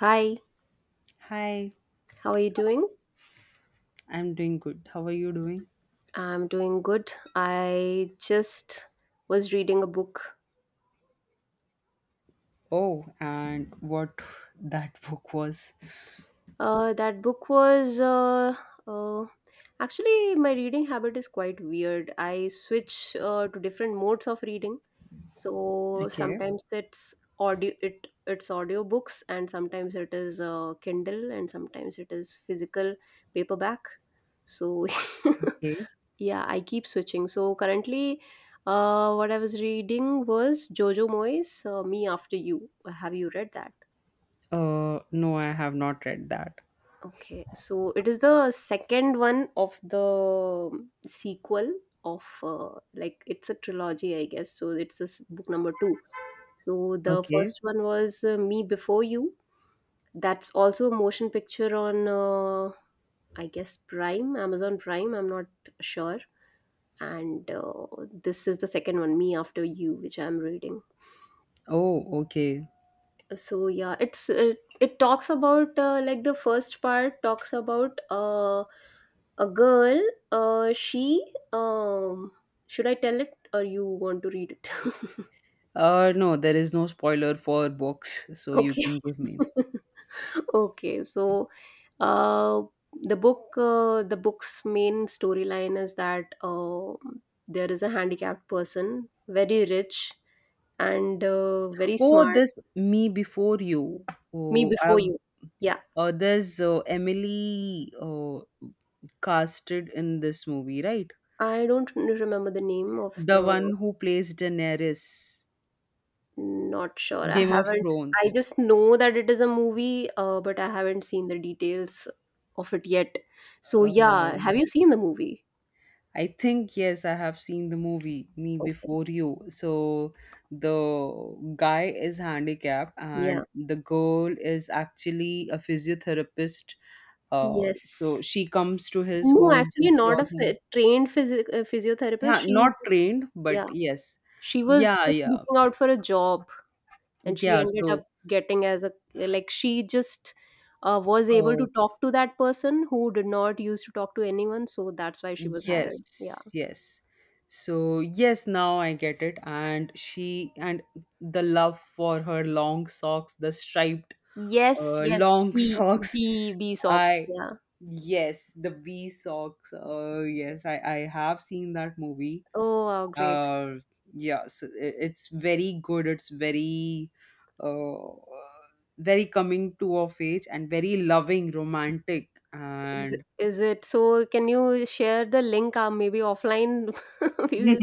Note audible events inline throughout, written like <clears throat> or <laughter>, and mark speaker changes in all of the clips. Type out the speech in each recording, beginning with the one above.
Speaker 1: Hi,
Speaker 2: Hi,
Speaker 1: how are you doing?
Speaker 2: I'm doing good. How are you doing?
Speaker 1: I'm doing good. I just was reading a book.
Speaker 2: Oh, and what <laughs> that book was.
Speaker 1: That book was uh, Actually, my reading habit is quite weird. I switch to different modes of reading. So
Speaker 2: Okay.
Speaker 1: sometimes it's audio, it's audio books, and sometimes it is Kindle, and sometimes it is physical paperback. So <laughs>
Speaker 2: Okay.
Speaker 1: yeah, I keep switching. So currently, what I was reading was Jojo Moyes, Me After You. Have you read that?
Speaker 2: No, I have not read that.
Speaker 1: Okay, so it is the second one of the sequel of like it's a trilogy, I guess. So it's this book number two. So the
Speaker 2: Okay.
Speaker 1: first one was Me Before You. That's also a motion picture on, I guess, Prime, Amazon Prime. I'm not sure. And this is the second one, Me After You, which I'm reading.
Speaker 2: Oh, okay.
Speaker 1: So yeah, it talks about like the first part talks about a girl, she, um should I tell it, or you want to read it?
Speaker 2: No, there is no spoiler for books, so
Speaker 1: <laughs>
Speaker 2: you
Speaker 1: Okay.
Speaker 2: can give me.
Speaker 1: <laughs> Okay, so uh the book the book's main storyline is that there is a handicapped person, very rich, and very
Speaker 2: Oh,
Speaker 1: smart.
Speaker 2: this Me Before You.
Speaker 1: Me
Speaker 2: Oh,
Speaker 1: Before
Speaker 2: I've
Speaker 1: You. Yeah,
Speaker 2: There's Emily casted in this movie, right?
Speaker 1: I don't remember the name of
Speaker 2: The
Speaker 1: the.
Speaker 2: one who plays Daenerys,
Speaker 1: Not sure. I
Speaker 2: Game of
Speaker 1: haven't. I
Speaker 2: Thrones.
Speaker 1: just know that it is a movie, but I haven't seen the details of it yet. So yeah,
Speaker 2: Uh,
Speaker 1: have you seen the movie?
Speaker 2: I think yes, I have seen the movie Me
Speaker 1: Okay.
Speaker 2: Before You. So the guy is handicapped and
Speaker 1: Yeah.
Speaker 2: the girl is actually a physiotherapist.
Speaker 1: Yes.
Speaker 2: So she comes to his
Speaker 1: No,
Speaker 2: home
Speaker 1: actually,
Speaker 2: to
Speaker 1: not
Speaker 2: cure
Speaker 1: a
Speaker 2: him.
Speaker 1: trained physiotherapist.
Speaker 2: Yeah,
Speaker 1: She
Speaker 2: not
Speaker 1: just
Speaker 2: trained, but
Speaker 1: yeah,
Speaker 2: yes.
Speaker 1: she was
Speaker 2: Yeah,
Speaker 1: just
Speaker 2: yeah.
Speaker 1: looking out for a job. And she
Speaker 2: Yeah,
Speaker 1: ended
Speaker 2: so
Speaker 1: up getting as a, like, she just was able
Speaker 2: uh,
Speaker 1: to talk to that person who did not used to talk to anyone, so that's why she was hired, yeah.
Speaker 2: yes, yes. So yes, now I get it. And she and the love for her long socks, the striped
Speaker 1: Yes, yes,
Speaker 2: long <laughs>
Speaker 1: b
Speaker 2: socks.
Speaker 1: b b socks,
Speaker 2: I
Speaker 1: yeah.
Speaker 2: Yes, the V socks. Yes, I have seen that movie.
Speaker 1: Oh, wow, great.
Speaker 2: Uh, yeah, so it's very good. It's very uh, very coming to of age and very loving, romantic,
Speaker 1: is it,
Speaker 2: and
Speaker 1: is it so, can you share the link, maybe offline? <laughs> we will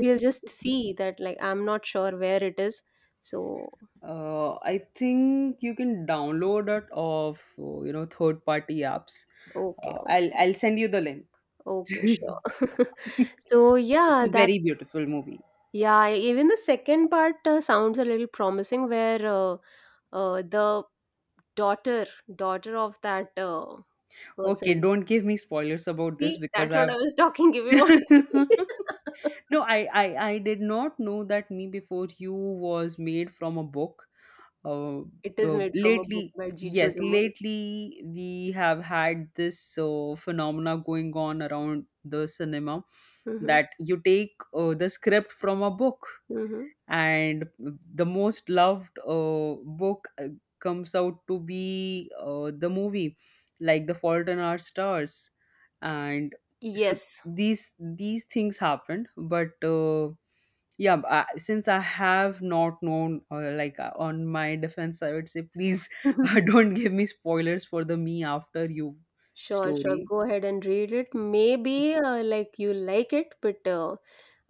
Speaker 1: we'll just see that, like, I'm not sure where it is, so.
Speaker 2: I think you can download it off third party apps.
Speaker 1: Okay.
Speaker 2: Uh, I'll
Speaker 1: Okay.
Speaker 2: I'll send you the link.
Speaker 1: Okay,
Speaker 2: <laughs>
Speaker 1: sure. <laughs>
Speaker 2: It's
Speaker 1: So yeah,
Speaker 2: a
Speaker 1: that
Speaker 2: very beautiful movie.
Speaker 1: yeah, even the second part sounds a little promising, where the daughter, daughter of that
Speaker 2: Okay,
Speaker 1: person.
Speaker 2: don't give me spoilers about this
Speaker 1: See,
Speaker 2: because
Speaker 1: that's what
Speaker 2: I've
Speaker 1: I was <laughs> talking. If you want,
Speaker 2: <laughs>
Speaker 1: to-
Speaker 2: No, I did not know that Me Before You was made from a book. Uh,
Speaker 1: <laughs> it is
Speaker 2: uh,
Speaker 1: made from a book
Speaker 2: lately,
Speaker 1: by G.
Speaker 2: yes,
Speaker 1: Jojo Moyes.
Speaker 2: lately we have had this phenomena going on around the cinema
Speaker 1: Hmm.
Speaker 2: that you take the script from a book
Speaker 1: Hmm.
Speaker 2: and the most loved book comes out to be the movie, like The Fault in Our Stars, and so
Speaker 1: Yes.
Speaker 2: these things happened, but yeah, since I have not known, on my defense I would say, please <laughs>
Speaker 1: <laughs>
Speaker 2: don't give me spoilers for the Me After You
Speaker 1: Sure, sure.
Speaker 2: story.
Speaker 1: Go ahead and read it. Maybe like you like it, but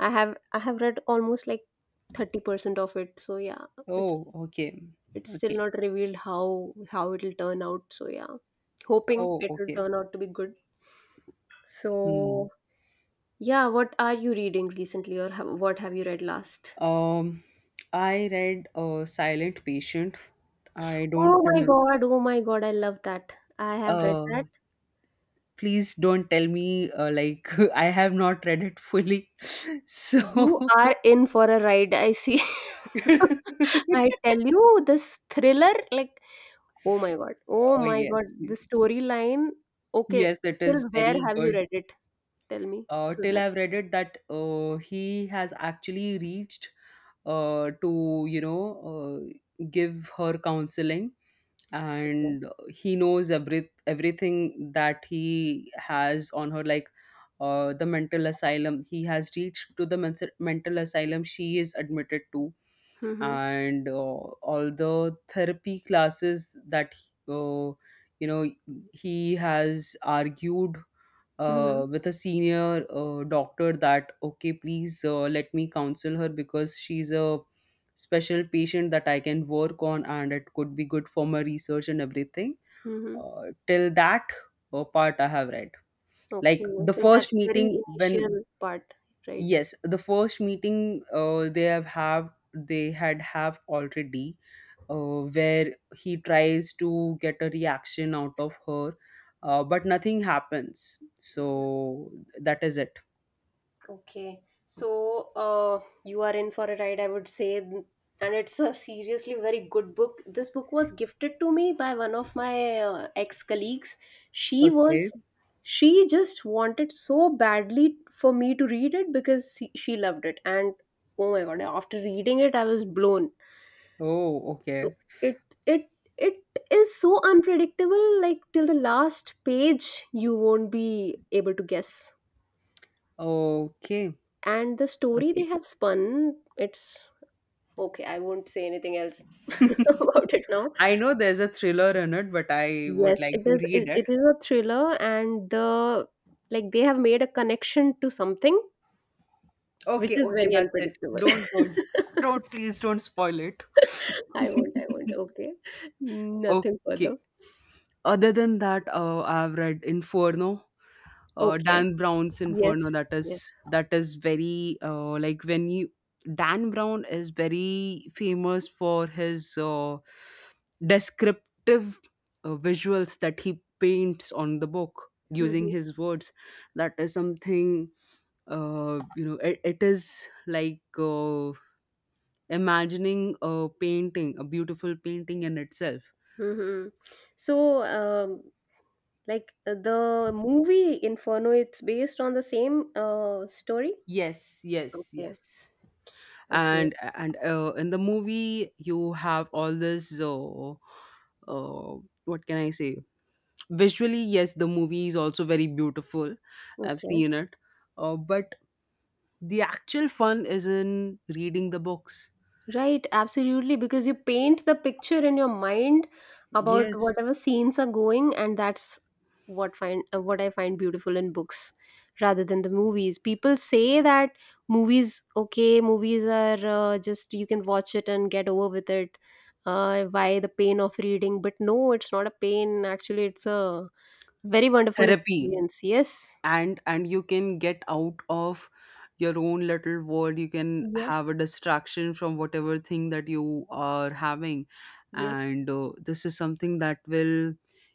Speaker 1: I have read almost like 30% of it. So yeah,
Speaker 2: Oh,
Speaker 1: it's
Speaker 2: okay.
Speaker 1: it's still
Speaker 2: Okay.
Speaker 1: not revealed how it'll turn out, so yeah, hoping
Speaker 2: Oh,
Speaker 1: it will
Speaker 2: okay.
Speaker 1: turn out to be good,
Speaker 2: Hmm.
Speaker 1: so yeah, what are you reading recently, or what have you read last?
Speaker 2: Um, I read Silent Patient. I don't
Speaker 1: Oh my
Speaker 2: remember.
Speaker 1: god, oh my god, I love that. I have read
Speaker 2: Uh,
Speaker 1: that.
Speaker 2: Please don't tell me <laughs> I have not read it fully. <laughs> So,
Speaker 1: You
Speaker 2: <laughs>
Speaker 1: are in for a ride, I see. <laughs> I tell you, this thriller, like, oh my god, oh
Speaker 2: oh
Speaker 1: my god,
Speaker 2: yes,
Speaker 1: the storyline. Okay,
Speaker 2: yes, it
Speaker 1: till
Speaker 2: is
Speaker 1: where
Speaker 2: very
Speaker 1: have you
Speaker 2: good.
Speaker 1: read it? Tell me. So
Speaker 2: Till
Speaker 1: that.
Speaker 2: I've read it, that he has actually reached to, give her counseling,
Speaker 1: Okay.
Speaker 2: and he knows everything that he has on her, like the mental asylum. He has reached to the mental asylum she is admitted to,
Speaker 1: Mm-hmm.
Speaker 2: and all the therapy classes that uh, you know he has argued
Speaker 1: Mm-hmm.
Speaker 2: with a senior doctor, that okay, please let me counsel her because she's a special patient that I can work on, and it could be good for my research and everything.
Speaker 1: Mm.
Speaker 2: Till that part I have read,
Speaker 1: Okay,
Speaker 2: like the
Speaker 1: so that's
Speaker 2: first
Speaker 1: very
Speaker 2: meeting when,
Speaker 1: initial part, right?
Speaker 2: yes, the first meeting, they have they had have already, where he tries to get a reaction out of her, but nothing happens,
Speaker 1: Mhm.
Speaker 2: so that is it.
Speaker 1: Okay, so you are in for a ride, I would say, and it's a seriously very good book. This book was gifted to me by one of my ex colleagues. She
Speaker 2: Okay.
Speaker 1: was, she just wanted so badly for me to read it, because she loved it, and oh my god, after reading it, I was blown.
Speaker 2: Oh,
Speaker 1: So
Speaker 2: okay.
Speaker 1: it it it is so unpredictable, like, till the last page you won't be able to guess.
Speaker 2: Okay.
Speaker 1: And the story they
Speaker 2: Okay.
Speaker 1: have spun, it's okay, I won't say anything else <laughs> about it
Speaker 2: <laughs>
Speaker 1: now.
Speaker 2: I know there's a thriller in it, but I would
Speaker 1: Yes, it
Speaker 2: like to
Speaker 1: is
Speaker 2: read
Speaker 1: it,
Speaker 2: it.
Speaker 1: it is a thriller, and the, like, they have made a connection to something which
Speaker 2: Okay,
Speaker 1: is
Speaker 2: okay,
Speaker 1: very
Speaker 2: that's it.
Speaker 1: unpredictable.
Speaker 2: Don't
Speaker 1: <laughs>
Speaker 2: don't don't please don't spoil it.
Speaker 1: I won't, I won't.
Speaker 2: <laughs>
Speaker 1: Okay. Nothing
Speaker 2: Okay.
Speaker 1: further.
Speaker 2: Other than that, I've read Inferno,
Speaker 1: Okay.
Speaker 2: Dan Brown's Inferno.
Speaker 1: Yes,
Speaker 2: That
Speaker 1: yes.
Speaker 2: is that is very like when you, Dan Brown is very famous for his descriptive visuals that he paints on the book using
Speaker 1: <laughs>
Speaker 2: his words. That is something, It is like imagining a painting, a beautiful painting in itself.
Speaker 1: Hmm. So, like the movie Inferno, it's based on the same story.
Speaker 2: Yes, yes,
Speaker 1: Okay,
Speaker 2: yes.
Speaker 1: okay,
Speaker 2: And in the movie you have all this, uh, what can I say, visually, yes, the movie is also very beautiful. I've
Speaker 1: okay.
Speaker 2: seen it, but the actual fun is in reading the books.
Speaker 1: Right, absolutely, because you paint the picture in your mind about
Speaker 2: Yes,
Speaker 1: whatever scenes are going, and that's what I find beautiful in books rather than the movies. People say that movies, okay, movies are just you can watch it and get over with it. Why the pain of reading? But no, it's not a pain. Actually, it's a very wonderful
Speaker 2: therapy,
Speaker 1: experience. Yes,
Speaker 2: and you can get out of your own little world. You can
Speaker 1: yes,
Speaker 2: have a distraction from whatever thing that you are having,
Speaker 1: yes,
Speaker 2: and this is something that will,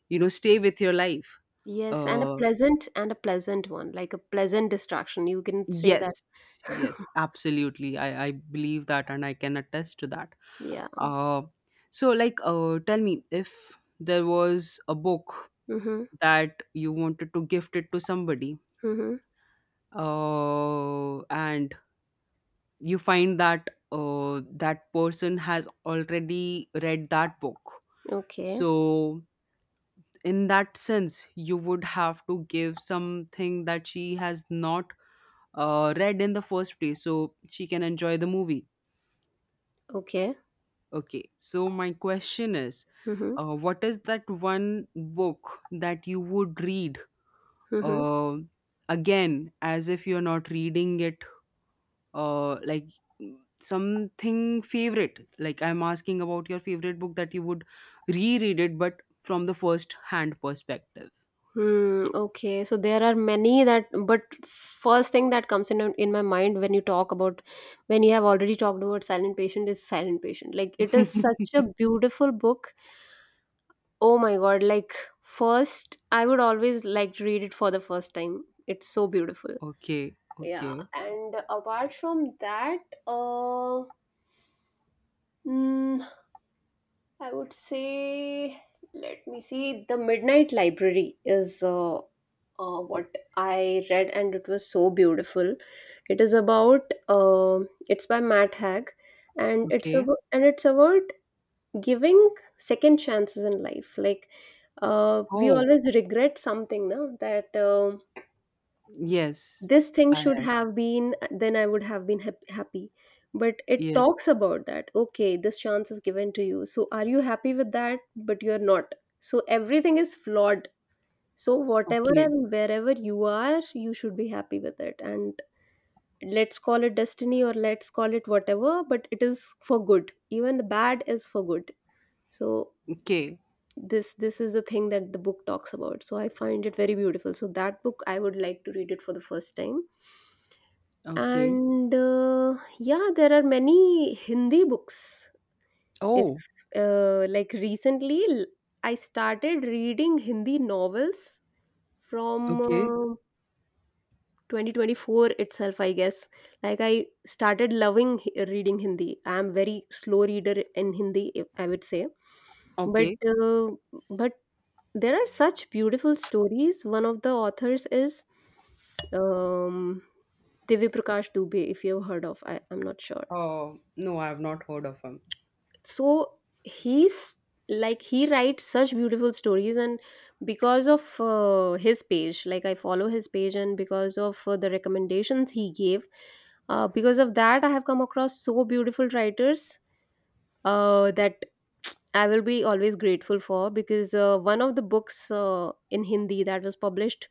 Speaker 2: stay with your life.
Speaker 1: yes, and
Speaker 2: Uh,
Speaker 1: a pleasant one, like a pleasant distraction. You can say that.
Speaker 2: yes, yes, absolutely. I believe that, and I can attest to that.
Speaker 1: Yeah.
Speaker 2: Uh, so, tell me, if there was a book
Speaker 1: Mhm.
Speaker 2: that you wanted to gift it to somebody,
Speaker 1: Mhm.
Speaker 2: and you find that that person has already read that book.
Speaker 1: Okay.
Speaker 2: So, in that sense, you would have to give something that she has not read in the first place so she can enjoy the movie.
Speaker 1: Okay.
Speaker 2: Okay, so my question is,
Speaker 1: Mhm.
Speaker 2: what is that one book that you would read
Speaker 1: Mhm.
Speaker 2: uh, again as if you're not reading it, uh, like something favorite? Like I'm asking about your favorite book that you would reread, it but from the first hand perspective.
Speaker 1: Hmm. Okay. So there are many that, but first thing that comes in my mind when you talk about, when you have already talked about Silent Patient, is Silent Patient. Like it is
Speaker 2: <laughs>
Speaker 1: such a beautiful book. Oh my God! Like first, I would always like to read it for the first time. It's so beautiful.
Speaker 2: Okay,
Speaker 1: Yeah.
Speaker 2: okay,
Speaker 1: And apart from that, uh. mm, I would say, let me see, The Midnight Library is what I read, and it was so beautiful. It is about it's by Matt Haig, and it's
Speaker 2: okay.
Speaker 1: about giving second chances in life. Like, we
Speaker 2: Oh,
Speaker 1: always regret something, now that
Speaker 2: yes.
Speaker 1: this thing should
Speaker 2: I
Speaker 1: have been, then I would have been happy. But it
Speaker 2: Yes.
Speaker 1: talks about that, okay, this chance is given to you, so are you happy with that? But you're not, so everything is flawed, so whatever
Speaker 2: Okay.
Speaker 1: and wherever you are, you should be happy with it, and let's call it destiny or let's call it whatever, but it is for good, even the bad is for good. So
Speaker 2: Okay.
Speaker 1: this is the thing that the book talks about, so I find it very beautiful. So that book I would like to read it for the first time.
Speaker 2: Okay.
Speaker 1: And yeah, there are many Hindi books. If
Speaker 2: Oh,
Speaker 1: like recently, I started reading Hindi novels from
Speaker 2: okay.
Speaker 1: 2024 itself, I guess. Like I started loving reading Hindi. I am very slow reader in Hindi, I would say. But
Speaker 2: Okay.
Speaker 1: uh, but there are such beautiful stories. One of the authors is um, Divya Prakash Dubey, if you've heard of. I'm not sure.
Speaker 2: Oh, no, I have not heard of him.
Speaker 1: So he's, like, he writes such beautiful stories, and because of his page, like I follow his page, and because of the recommendations he gave, because of that, I have come across so beautiful writers that I will be always grateful for. Because one of the books in Hindi that was published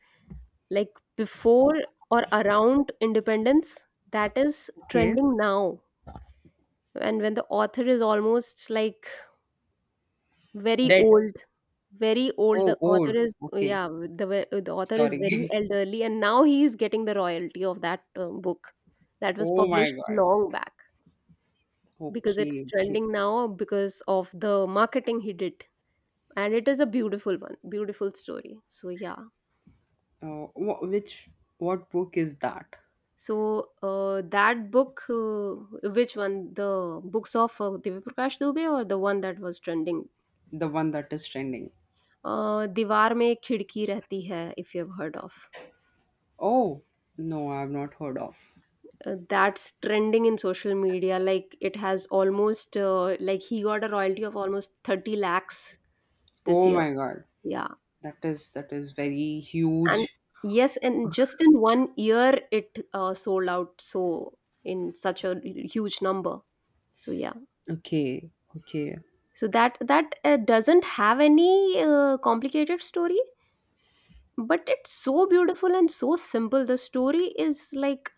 Speaker 1: like before or around independence, that is
Speaker 2: Okay.
Speaker 1: trending now, and when the author is almost like very
Speaker 2: Dead.
Speaker 1: old, very old
Speaker 2: Oh,
Speaker 1: the author
Speaker 2: old.
Speaker 1: is,
Speaker 2: Okay.
Speaker 1: yeah. The author is very
Speaker 2: Sorry.
Speaker 1: elderly, and now he is getting the royalty of that book that
Speaker 2: <laughs>
Speaker 1: was
Speaker 2: Oh my
Speaker 1: published
Speaker 2: God.
Speaker 1: long back, because it's
Speaker 2: Okay, okay.
Speaker 1: trending now because of the marketing he did, and it is a beautiful one, beautiful story, so yeah.
Speaker 2: Which what book is that?
Speaker 1: So that book, which one? The books of Divya Prakash Dubey, or the one that was trending?
Speaker 2: The one that is trending.
Speaker 1: दीवार में खिड़की रहती है, if you have heard of,
Speaker 2: Oh, no, I have not heard of.
Speaker 1: that's trending in social media, like it has almost, like he got a royalty of almost 30 lakhs this
Speaker 2: Oh
Speaker 1: year,
Speaker 2: my God.
Speaker 1: yeah,
Speaker 2: That is very
Speaker 1: and
Speaker 2: huge.
Speaker 1: yes, and just in one year it sold out, so in such a huge number, so yeah,
Speaker 2: Okay. Okay.
Speaker 1: so that doesn't have any complicated story, but it's so beautiful and so simple. The story is like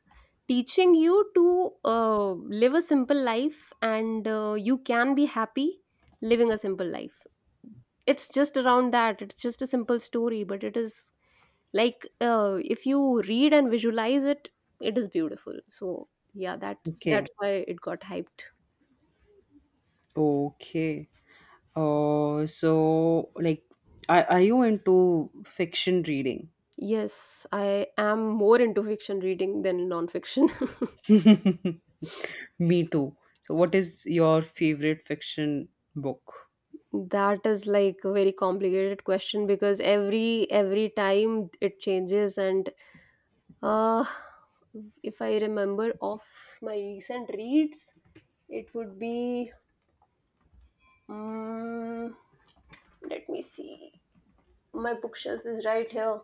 Speaker 1: teaching you to live a simple life, and you can be happy living a simple life. It's just around that. It's just a simple story, but it is, like, if you read and visualize it, it is beautiful, so yeah, that's
Speaker 2: Okay.
Speaker 1: why it got hyped.
Speaker 2: Okay. So, are you into fiction reading?
Speaker 1: Yes, I am more into fiction reading than non-fiction. <laughs>
Speaker 2: Me too. So what is your favorite fiction book?
Speaker 1: That is like a very complicated question, because every time it changes, and uh if I remember of my recent reads, it would be um, let me see. My bookshelf is right here.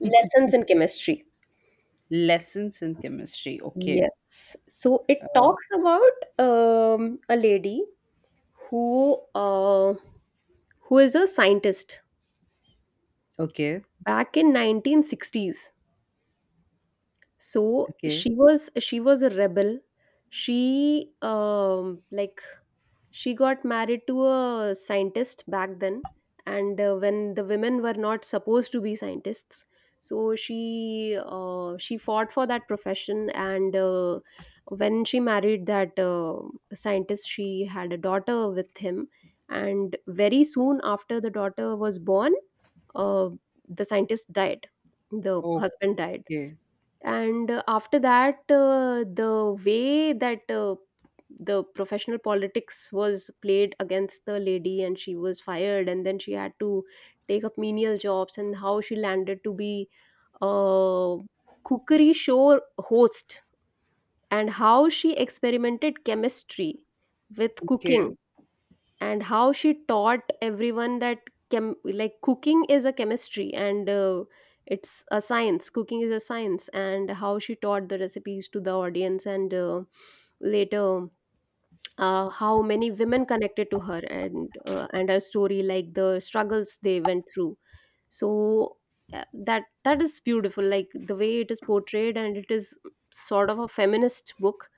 Speaker 1: Lessons in Chemistry.
Speaker 2: Lessons in Chemistry. Okay.
Speaker 1: Yes. So it
Speaker 2: Uh,
Speaker 1: talks about a lady who uh, who is a scientist
Speaker 2: okay.
Speaker 1: back in 1960s. So
Speaker 2: Okay.
Speaker 1: she was a rebel. She like she got married to a scientist back then and when the women were not supposed to be scientists, so she fought for that profession. And when she married that scientist, she had a daughter with him, and very soon after the daughter was born, uh, the scientist died, the
Speaker 2: Oh.
Speaker 1: husband died.
Speaker 2: Okay.
Speaker 1: And after that, the way that the professional politics was played against the lady and she was fired, and then she had to take up menial jobs, and how she landed to be a cookery show host, and how she experimented chemistry with
Speaker 2: Okay.
Speaker 1: cooking, and how she taught everyone that like cooking is a chemistry and it's a science, cooking is a science, and how she taught the recipes to the audience. And later, how many women connected to her and her story, like the struggles they went through. So that is beautiful, like the way it is portrayed, and it is sort of a feminist book.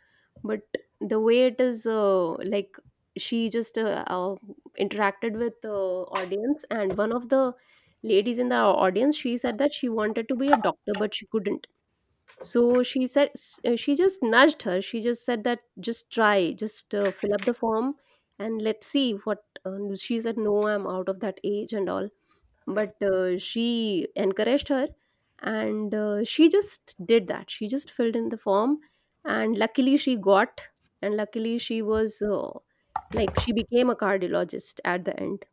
Speaker 1: But the way it is, like, she just interacted with the audience, and one of the ladies in the audience, she said that she wanted to be a doctor but she couldn't. So she just nudged her, she just said that, just try, just fill up the form and let's see what. She said, no, I'm out of that age and all, but she encouraged her, and she just did that. She just filled in the form, and luckily she got, and luckily she was, like, she became a cardiologist at the end.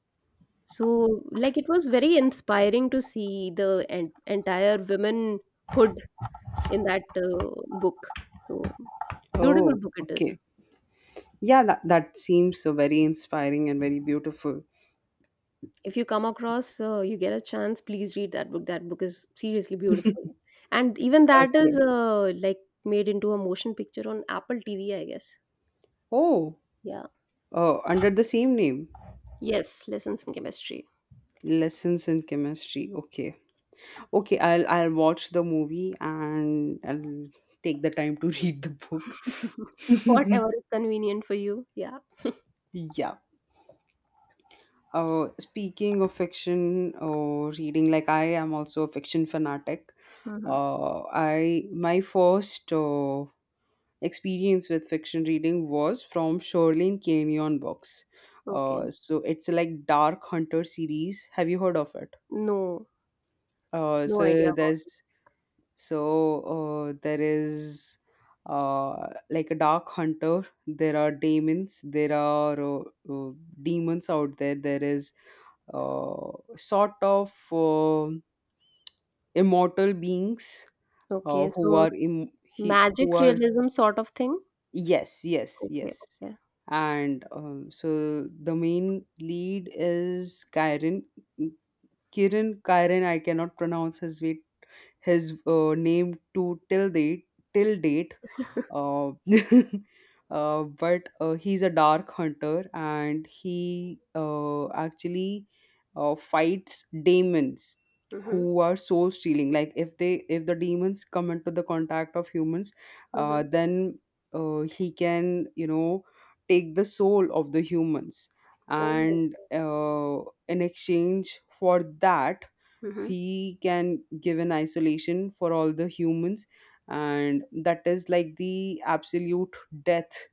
Speaker 1: So, like, it was very inspiring to see the entire womanhood in that, book. So, beautiful
Speaker 2: Oh,
Speaker 1: book it is.
Speaker 2: okay. Yeah, that, that seems so very inspiring and very beautiful.
Speaker 1: If you come across, you get a chance, please read that book. That book is seriously beautiful, and even that is,
Speaker 2: Okay.
Speaker 1: like, made into a motion picture on Apple TV, I guess.
Speaker 2: Oh,
Speaker 1: Yeah.
Speaker 2: oh, under the same name.
Speaker 1: Yes, Lessons in Chemistry.
Speaker 2: Lessons in Chemistry. Okay. Okay, I'll watch the movie, and I'll take the time to <laughs> read the book.
Speaker 1: <laughs>
Speaker 2: <laughs>
Speaker 1: Whatever is convenient for you. Yeah.
Speaker 2: Yeah. Speaking of fiction or reading, like I am also a fiction fanatic.
Speaker 1: Hmm.
Speaker 2: I my first experience with fiction reading was from Shoreline Canyon books.
Speaker 1: Okay.
Speaker 2: So it's like Dark Hunter series. Have you heard of it?
Speaker 1: No,
Speaker 2: Uh,
Speaker 1: no idea
Speaker 2: so
Speaker 1: about
Speaker 2: there's So there is like a dark hunter. There are demons. There are uh, demons out there. There is uh, sort of immortal beings,
Speaker 1: it. Okay, so
Speaker 2: who
Speaker 1: magic
Speaker 2: are,
Speaker 1: realism sort of thing.
Speaker 2: yes, yes,
Speaker 1: Okay,
Speaker 2: yes,
Speaker 1: okay.
Speaker 2: and so the main lead is Kyron. Kiran Kyron I cannot pronounce his way, his name, to till date, till date. uh, <laughs> but He's a dark hunter, and he, actually fights demons
Speaker 1: Mm-hmm,
Speaker 2: who are soul stealing. Like, if they, if the demons come into the contact of humans,
Speaker 1: mm-hmm.
Speaker 2: then he can, you know, take the soul of the humans,
Speaker 1: Oh.
Speaker 2: and in exchange for that,
Speaker 1: Mm-hmm.
Speaker 2: he can give an isolation for all the humans, and that is like the absolute death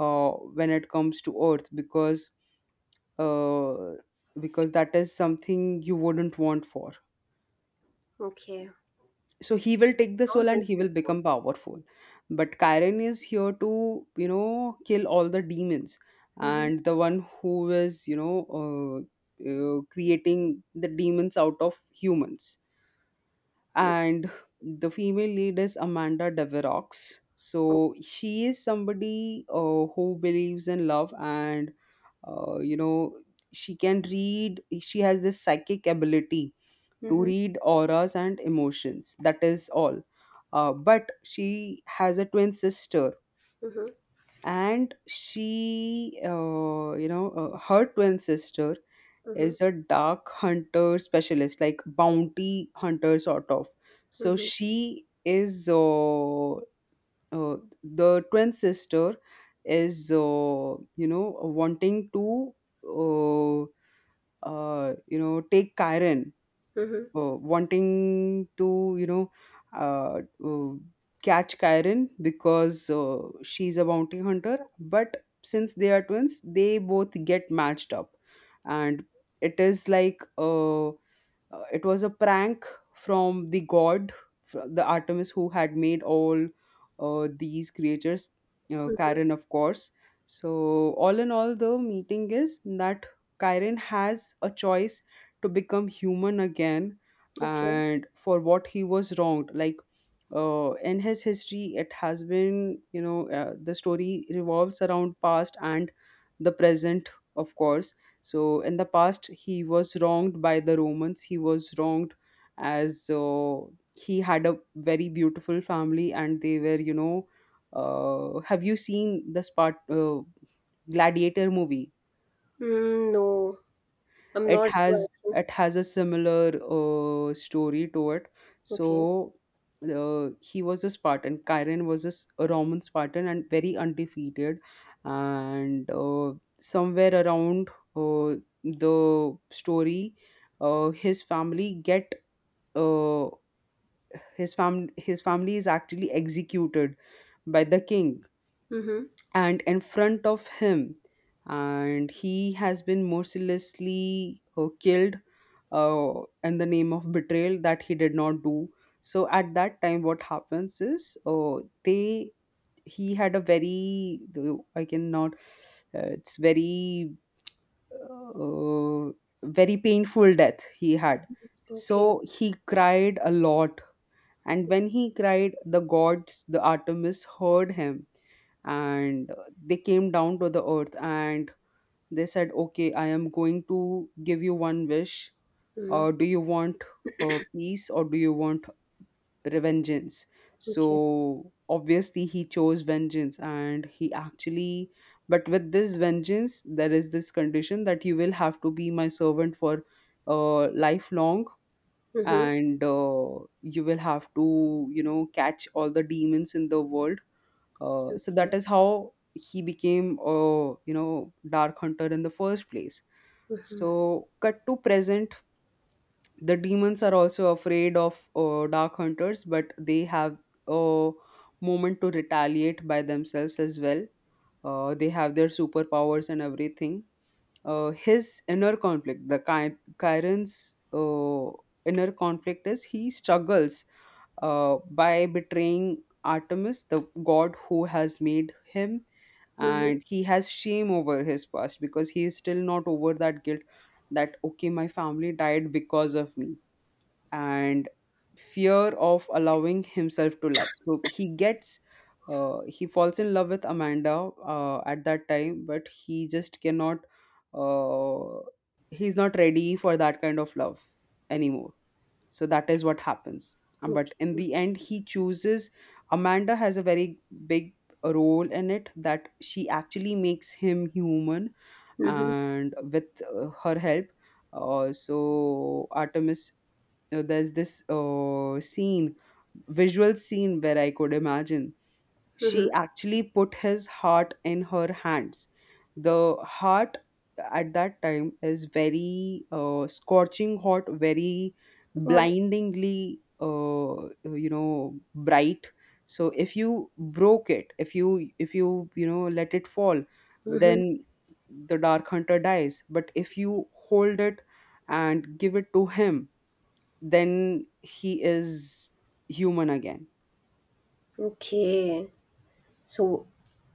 Speaker 2: uh, when it comes to earth, uh, because that is something you wouldn't want for.
Speaker 1: Okay.
Speaker 2: So he will take the soul
Speaker 1: Sounds
Speaker 2: and he will
Speaker 1: interesting.
Speaker 2: become powerful, but Chiron is here to, you know, kill all the demons
Speaker 1: Mm-hmm.
Speaker 2: and the one who is, creating the demons out of humans.
Speaker 1: Okay.
Speaker 2: And the female lead is Amanda Deverox.
Speaker 1: Mm-hmm.
Speaker 2: So she is somebody who believes in love, and uh, you know she can read. She has this psychic ability to
Speaker 1: Mm-hmm.
Speaker 2: read auras and emotions. That is all. But she has a twin sister, and she, her twin sister
Speaker 1: Mm-hmm.
Speaker 2: is a dark hunter specialist, like bounty hunter sort of. So
Speaker 1: Mm-hmm.
Speaker 2: she is, uh, the twin sister is, wanting to, uh, take Kyron,
Speaker 1: Mhm.
Speaker 2: wanting to, you know uh, uh, catch Kyron because she's a bounty hunter, but since they are twins, they both get matched up, and it is like, it was a prank from the god, the Artemis, who had made all these creatures,
Speaker 1: Mhm.
Speaker 2: Chiron, of course. So, all in all, the meeting is that Chiron has a choice to become human again,
Speaker 1: Okay.
Speaker 2: and for what he was wronged. Like, in his history it has been, the story revolves around past and the present, of course. So in the past he was wronged by the Romans. He was wronged as, he had a very beautiful family, and they were, you know, have you seen the spart Gladiator movie?
Speaker 1: Mm, no, I'm
Speaker 2: It
Speaker 1: not
Speaker 2: has,
Speaker 1: driving.
Speaker 2: it has a similar story to it.
Speaker 1: Okay.
Speaker 2: So he was a Spartan. Chiron was a, a Roman Spartan, and very undefeated, and somewhere around uh, the story, his family get uh, his fam his family is actually executed by the king,
Speaker 1: Mhm.
Speaker 2: and in front of him, and he has been mercilessly killed uh, in the name of betrayal that he did not do. So at that time what happens is, they he had a very, I cannot it's very, uh, very painful death he had.
Speaker 1: Okay.
Speaker 2: So he cried a lot, and when he cried, the gods, the Artemis, heard him, and they came down to the earth, and they said, "Okay, I am going to give you one wish.
Speaker 1: Mhm.
Speaker 2: Do you want peace, or do you want vengeance?"
Speaker 1: Okay.
Speaker 2: So obviously, he chose vengeance and he actually, but with this vengeance, there is this condition that you will have to be my servant for lifelong.
Speaker 1: Mhm.
Speaker 2: And you will have to catch all the demons in the world. So that
Speaker 1: Okay.
Speaker 2: is how he became a dark hunter in the first place. So cut to present, the demons are also afraid of dark hunters, but they have a moment to retaliate by themselves as well. They have their superpowers and everything. His inner conflict, Chiron's inner conflict, is he struggles by betraying Artemis, the god who has made him,
Speaker 1: Mhm.
Speaker 2: and he has shame over his past because he is still not over that guilt that okay, my family died because of me, and fear of allowing himself to love. So he gets he falls in love with Amanda at that time, but he just cannot uh, he's not ready for that kind of love anymore. So that is what happens. But in
Speaker 1: Okay.
Speaker 2: the end he chooses, Amanda has a very big role in it, that she actually makes him human.
Speaker 1: Mhm.
Speaker 2: And with her help, so Artemis, there's this scene, visual scene, where I could imagine she
Speaker 1: Mhm.
Speaker 2: actually put his heart in her hands. The heart at that time is very scorching hot, very
Speaker 1: Oh my.
Speaker 2: blindingly, bright. So if you broke it, if let it fall,
Speaker 1: Mhm.
Speaker 2: then the dark hunter dies. But if you hold it and give it to him, then he is human again.
Speaker 1: Okay. So,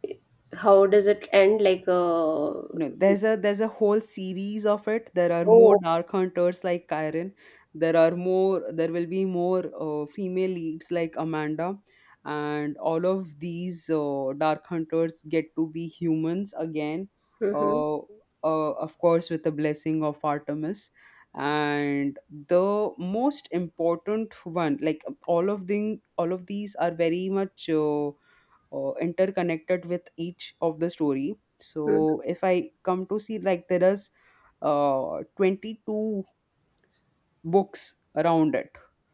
Speaker 1: i- how does it end? Like,
Speaker 2: No, there's a whole series of it. There are more
Speaker 1: oh. Okay.
Speaker 2: dark hunters like Kyren. There are more. There will be more female leads like Amanda, and all of these dark hunters get to be humans again.
Speaker 1: Mhm.
Speaker 2: Uh, of course, with the blessing of Artemis, and the most important one, like all of these are very much. Interconnected with each of the story.
Speaker 1: Mhm.
Speaker 2: So if I come to see, like, there is 22 books around it.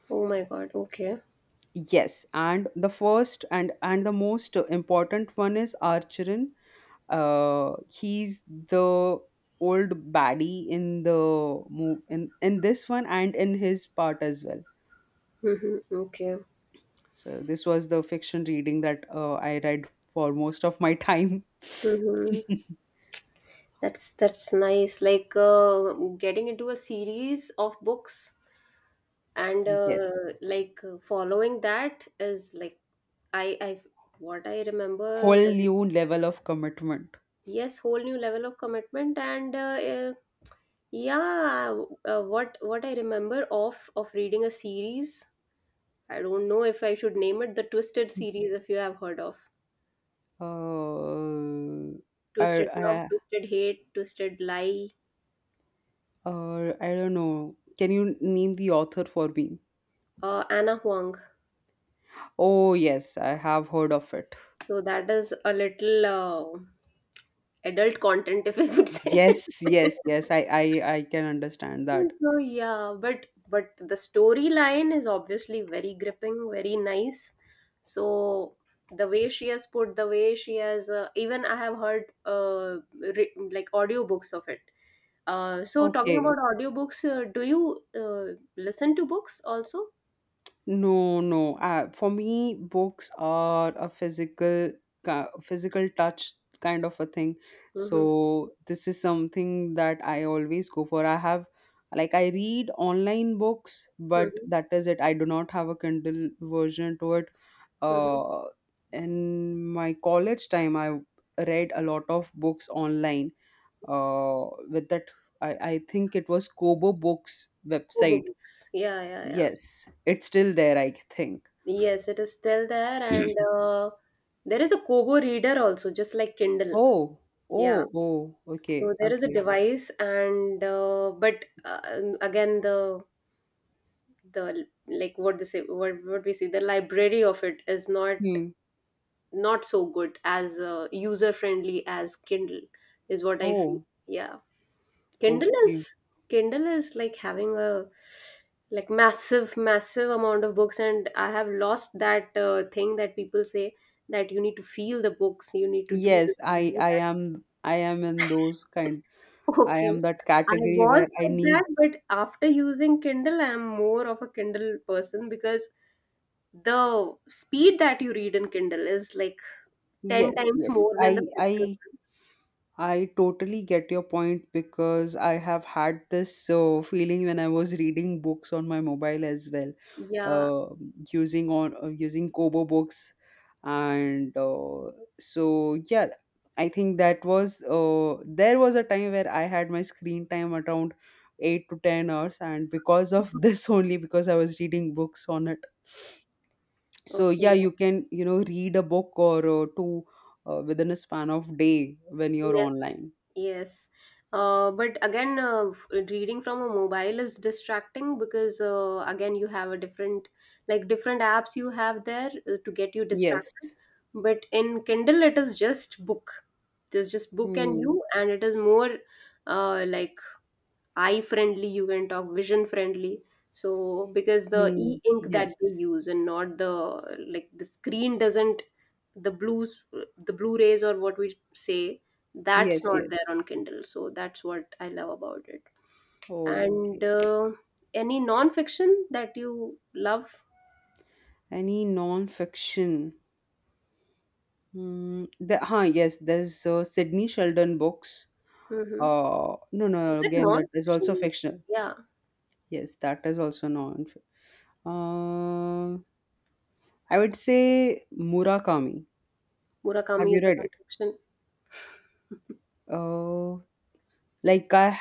Speaker 1: Oh my God. Okay.
Speaker 2: Yes, and the first and the most important one is Archerin. He's the old baddie in the move in this one and in his part as well.
Speaker 1: Mhm. Okay.
Speaker 2: So this was the fiction reading that I read for most of my time.
Speaker 1: Mhm.
Speaker 2: <laughs>
Speaker 1: That's nice. Like, getting into a series of books and
Speaker 2: Yes.
Speaker 1: like, following that is like, I what I remember.
Speaker 2: Whole new level of commitment.
Speaker 1: Yes, whole new level of commitment and uh, yeah. What I remember of reading a series. I don't know if I should name it the Twisted series. If you have heard of
Speaker 2: Uh, or,
Speaker 1: Twisted Love,
Speaker 2: uh,
Speaker 1: Twisted Hate, Twisted Lie,
Speaker 2: or I don't know. Can you name the author for me?
Speaker 1: Anna Huang.
Speaker 2: Oh yes, I have heard of it.
Speaker 1: So that is a little. Adult content, if I would say.
Speaker 2: Yes,
Speaker 1: <laughs>
Speaker 2: yes, yes. I can understand that.
Speaker 1: So yeah, but the storyline is obviously very gripping, very nice. So the way she has put, the way she has, even I have heard, like audiobooks of it. So talking
Speaker 2: Okay.
Speaker 1: about audiobooks, do you listen to books also?
Speaker 2: No, no. For me, books are a physical, physical touch kind of a thing.
Speaker 1: Mm-hmm,
Speaker 2: So this is something that I always go for. I have, like, I read online books, but
Speaker 1: mm-hmm,
Speaker 2: that is it. I do not have a Kindle version to it.
Speaker 1: mm-hmm.
Speaker 2: Uh, in my college time, I read a lot of books online. With that, I think it was Kobo Books
Speaker 1: Kobo
Speaker 2: website.
Speaker 1: books. Yeah, yeah, yeah.
Speaker 2: Yes, it's still there, I think.
Speaker 1: Yes, it is still there, and
Speaker 2: <clears throat>
Speaker 1: there is a Kobo reader also, just like Kindle.
Speaker 2: Oh,
Speaker 1: Yeah,
Speaker 2: oh,
Speaker 1: so
Speaker 2: okay,
Speaker 1: there is a
Speaker 2: okay.
Speaker 1: device, and but again, the, like, what they say, what we see, the library of it is not
Speaker 2: Hmm.
Speaker 1: not so good as, user friendly as Kindle, is what I feel.
Speaker 2: Oh,
Speaker 1: Yeah, Kindle
Speaker 2: okay.
Speaker 1: is Kindle is like having a like massive amount of books, and I have lost that thing that people say, that you need to feel the books, you need to do this,
Speaker 2: Yes,
Speaker 1: do
Speaker 2: I
Speaker 1: that.
Speaker 2: am in those kind. I
Speaker 1: Okay.
Speaker 2: am that
Speaker 1: I
Speaker 2: category
Speaker 1: was
Speaker 2: where I
Speaker 1: like
Speaker 2: need,
Speaker 1: that, but after using Kindle, I'm more of a Kindle person because the speed that you read in Kindle is like 10
Speaker 2: yes,
Speaker 1: times
Speaker 2: yes.
Speaker 1: more than the physical
Speaker 2: I totally get your point because I have had this feeling when I was reading books on my mobile as well.
Speaker 1: one. Yeah.
Speaker 2: Uh, using on using Kobo Books, and so yeah, I think that was there was a time where I had my screen time around 8 to 10 hours, and because of <laughs> this only, because I was reading books on it. So yeah,
Speaker 1: Okay.
Speaker 2: you can read a book or two within a span of day when you're
Speaker 1: Yes,
Speaker 2: online.
Speaker 1: yes. But again, reading from a mobile is distracting because, again, you have a different, like, different apps you have there to get you
Speaker 2: Yes.
Speaker 1: distracted. But in Kindle, it is just book. There's just book and
Speaker 2: Hmm.
Speaker 1: you, and it is more like eye friendly, you can talk, vision friendly. So because the
Speaker 2: Hmm.
Speaker 1: e ink that they
Speaker 2: Yes.
Speaker 1: use, and not the, like, the screen doesn't, the blues, the blue rays, or what we say, that's
Speaker 2: Yes.
Speaker 1: not there
Speaker 2: Yes.
Speaker 1: on Kindle, so that's what I love about it. And
Speaker 2: Okay.
Speaker 1: any non-fiction that you love?
Speaker 2: Any non-fiction? Mm, yes, there's Sydney Sheldon books.
Speaker 1: Hmm.
Speaker 2: No,
Speaker 1: Is
Speaker 2: no,
Speaker 1: it
Speaker 2: again, that is also
Speaker 1: non-fiction?
Speaker 2: fictional.
Speaker 1: Yeah.
Speaker 2: Yes, that is also non. Uh, I would say Murakami. Have
Speaker 1: Murakami
Speaker 2: you
Speaker 1: is a
Speaker 2: read it?
Speaker 1: non-fiction.
Speaker 2: Uh, like I,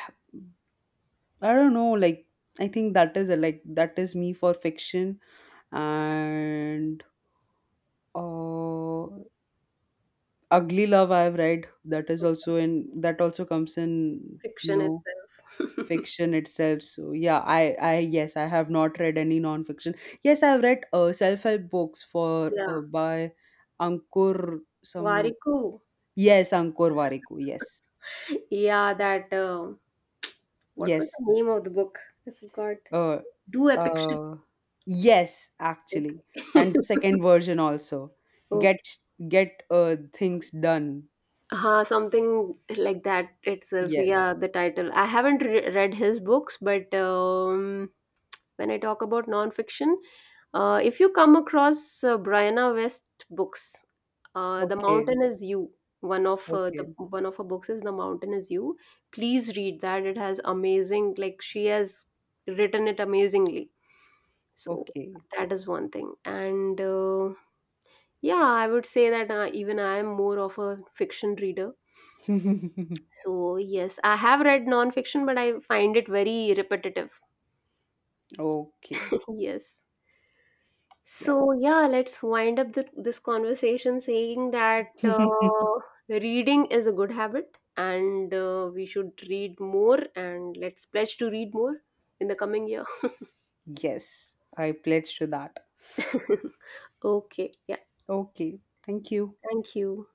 Speaker 2: I don't know. Like, I think that is a, like that is me for fiction, and uh, Ugly Love I've read. That is also, in that also comes in,
Speaker 1: Fiction itself. <laughs>
Speaker 2: fiction itself. So yeah, I yes, I have not read any non-fiction. Yes, I've read self-help books for
Speaker 1: Yeah,
Speaker 2: by Ankur, some,
Speaker 1: Variku.
Speaker 2: yes, Ankur Variku, yes,
Speaker 1: <laughs> Yeah, that what was
Speaker 2: yes,
Speaker 1: the name of the book? I forgot.
Speaker 2: uh,
Speaker 1: Do epic shit.
Speaker 2: uh yes, actually,
Speaker 1: Okay.
Speaker 2: and the second
Speaker 1: <laughs>
Speaker 2: version also, get
Speaker 1: Okay.
Speaker 2: get things done.
Speaker 1: Something like that itself.
Speaker 2: Yes.
Speaker 1: Yeah, the title. I haven't read his books, but when I talk about nonfiction, if you come across, Brianna West books, The
Speaker 2: Okay.
Speaker 1: Mountain Is You. One of the,
Speaker 2: Okay.
Speaker 1: one of her books is The Mountain Is You. Please read that. It has amazing, like, she has written it amazingly. So
Speaker 2: Okay.
Speaker 1: that is one thing. And yeah, I would say that, even I am more of a fiction reader.
Speaker 2: <laughs>
Speaker 1: So yes, I have read nonfiction, but I find it very repetitive.
Speaker 2: Okay.
Speaker 1: <laughs> Yes.
Speaker 2: Yeah.
Speaker 1: So, yeah, let's wind up this conversation, saying that
Speaker 2: <laughs>
Speaker 1: reading is a good habit and we should read more, and let's pledge to read more in the coming year.
Speaker 2: Yes, I pledge to that.
Speaker 1: <laughs> Okay, yeah,
Speaker 2: Okay. Thank you.
Speaker 1: thank you.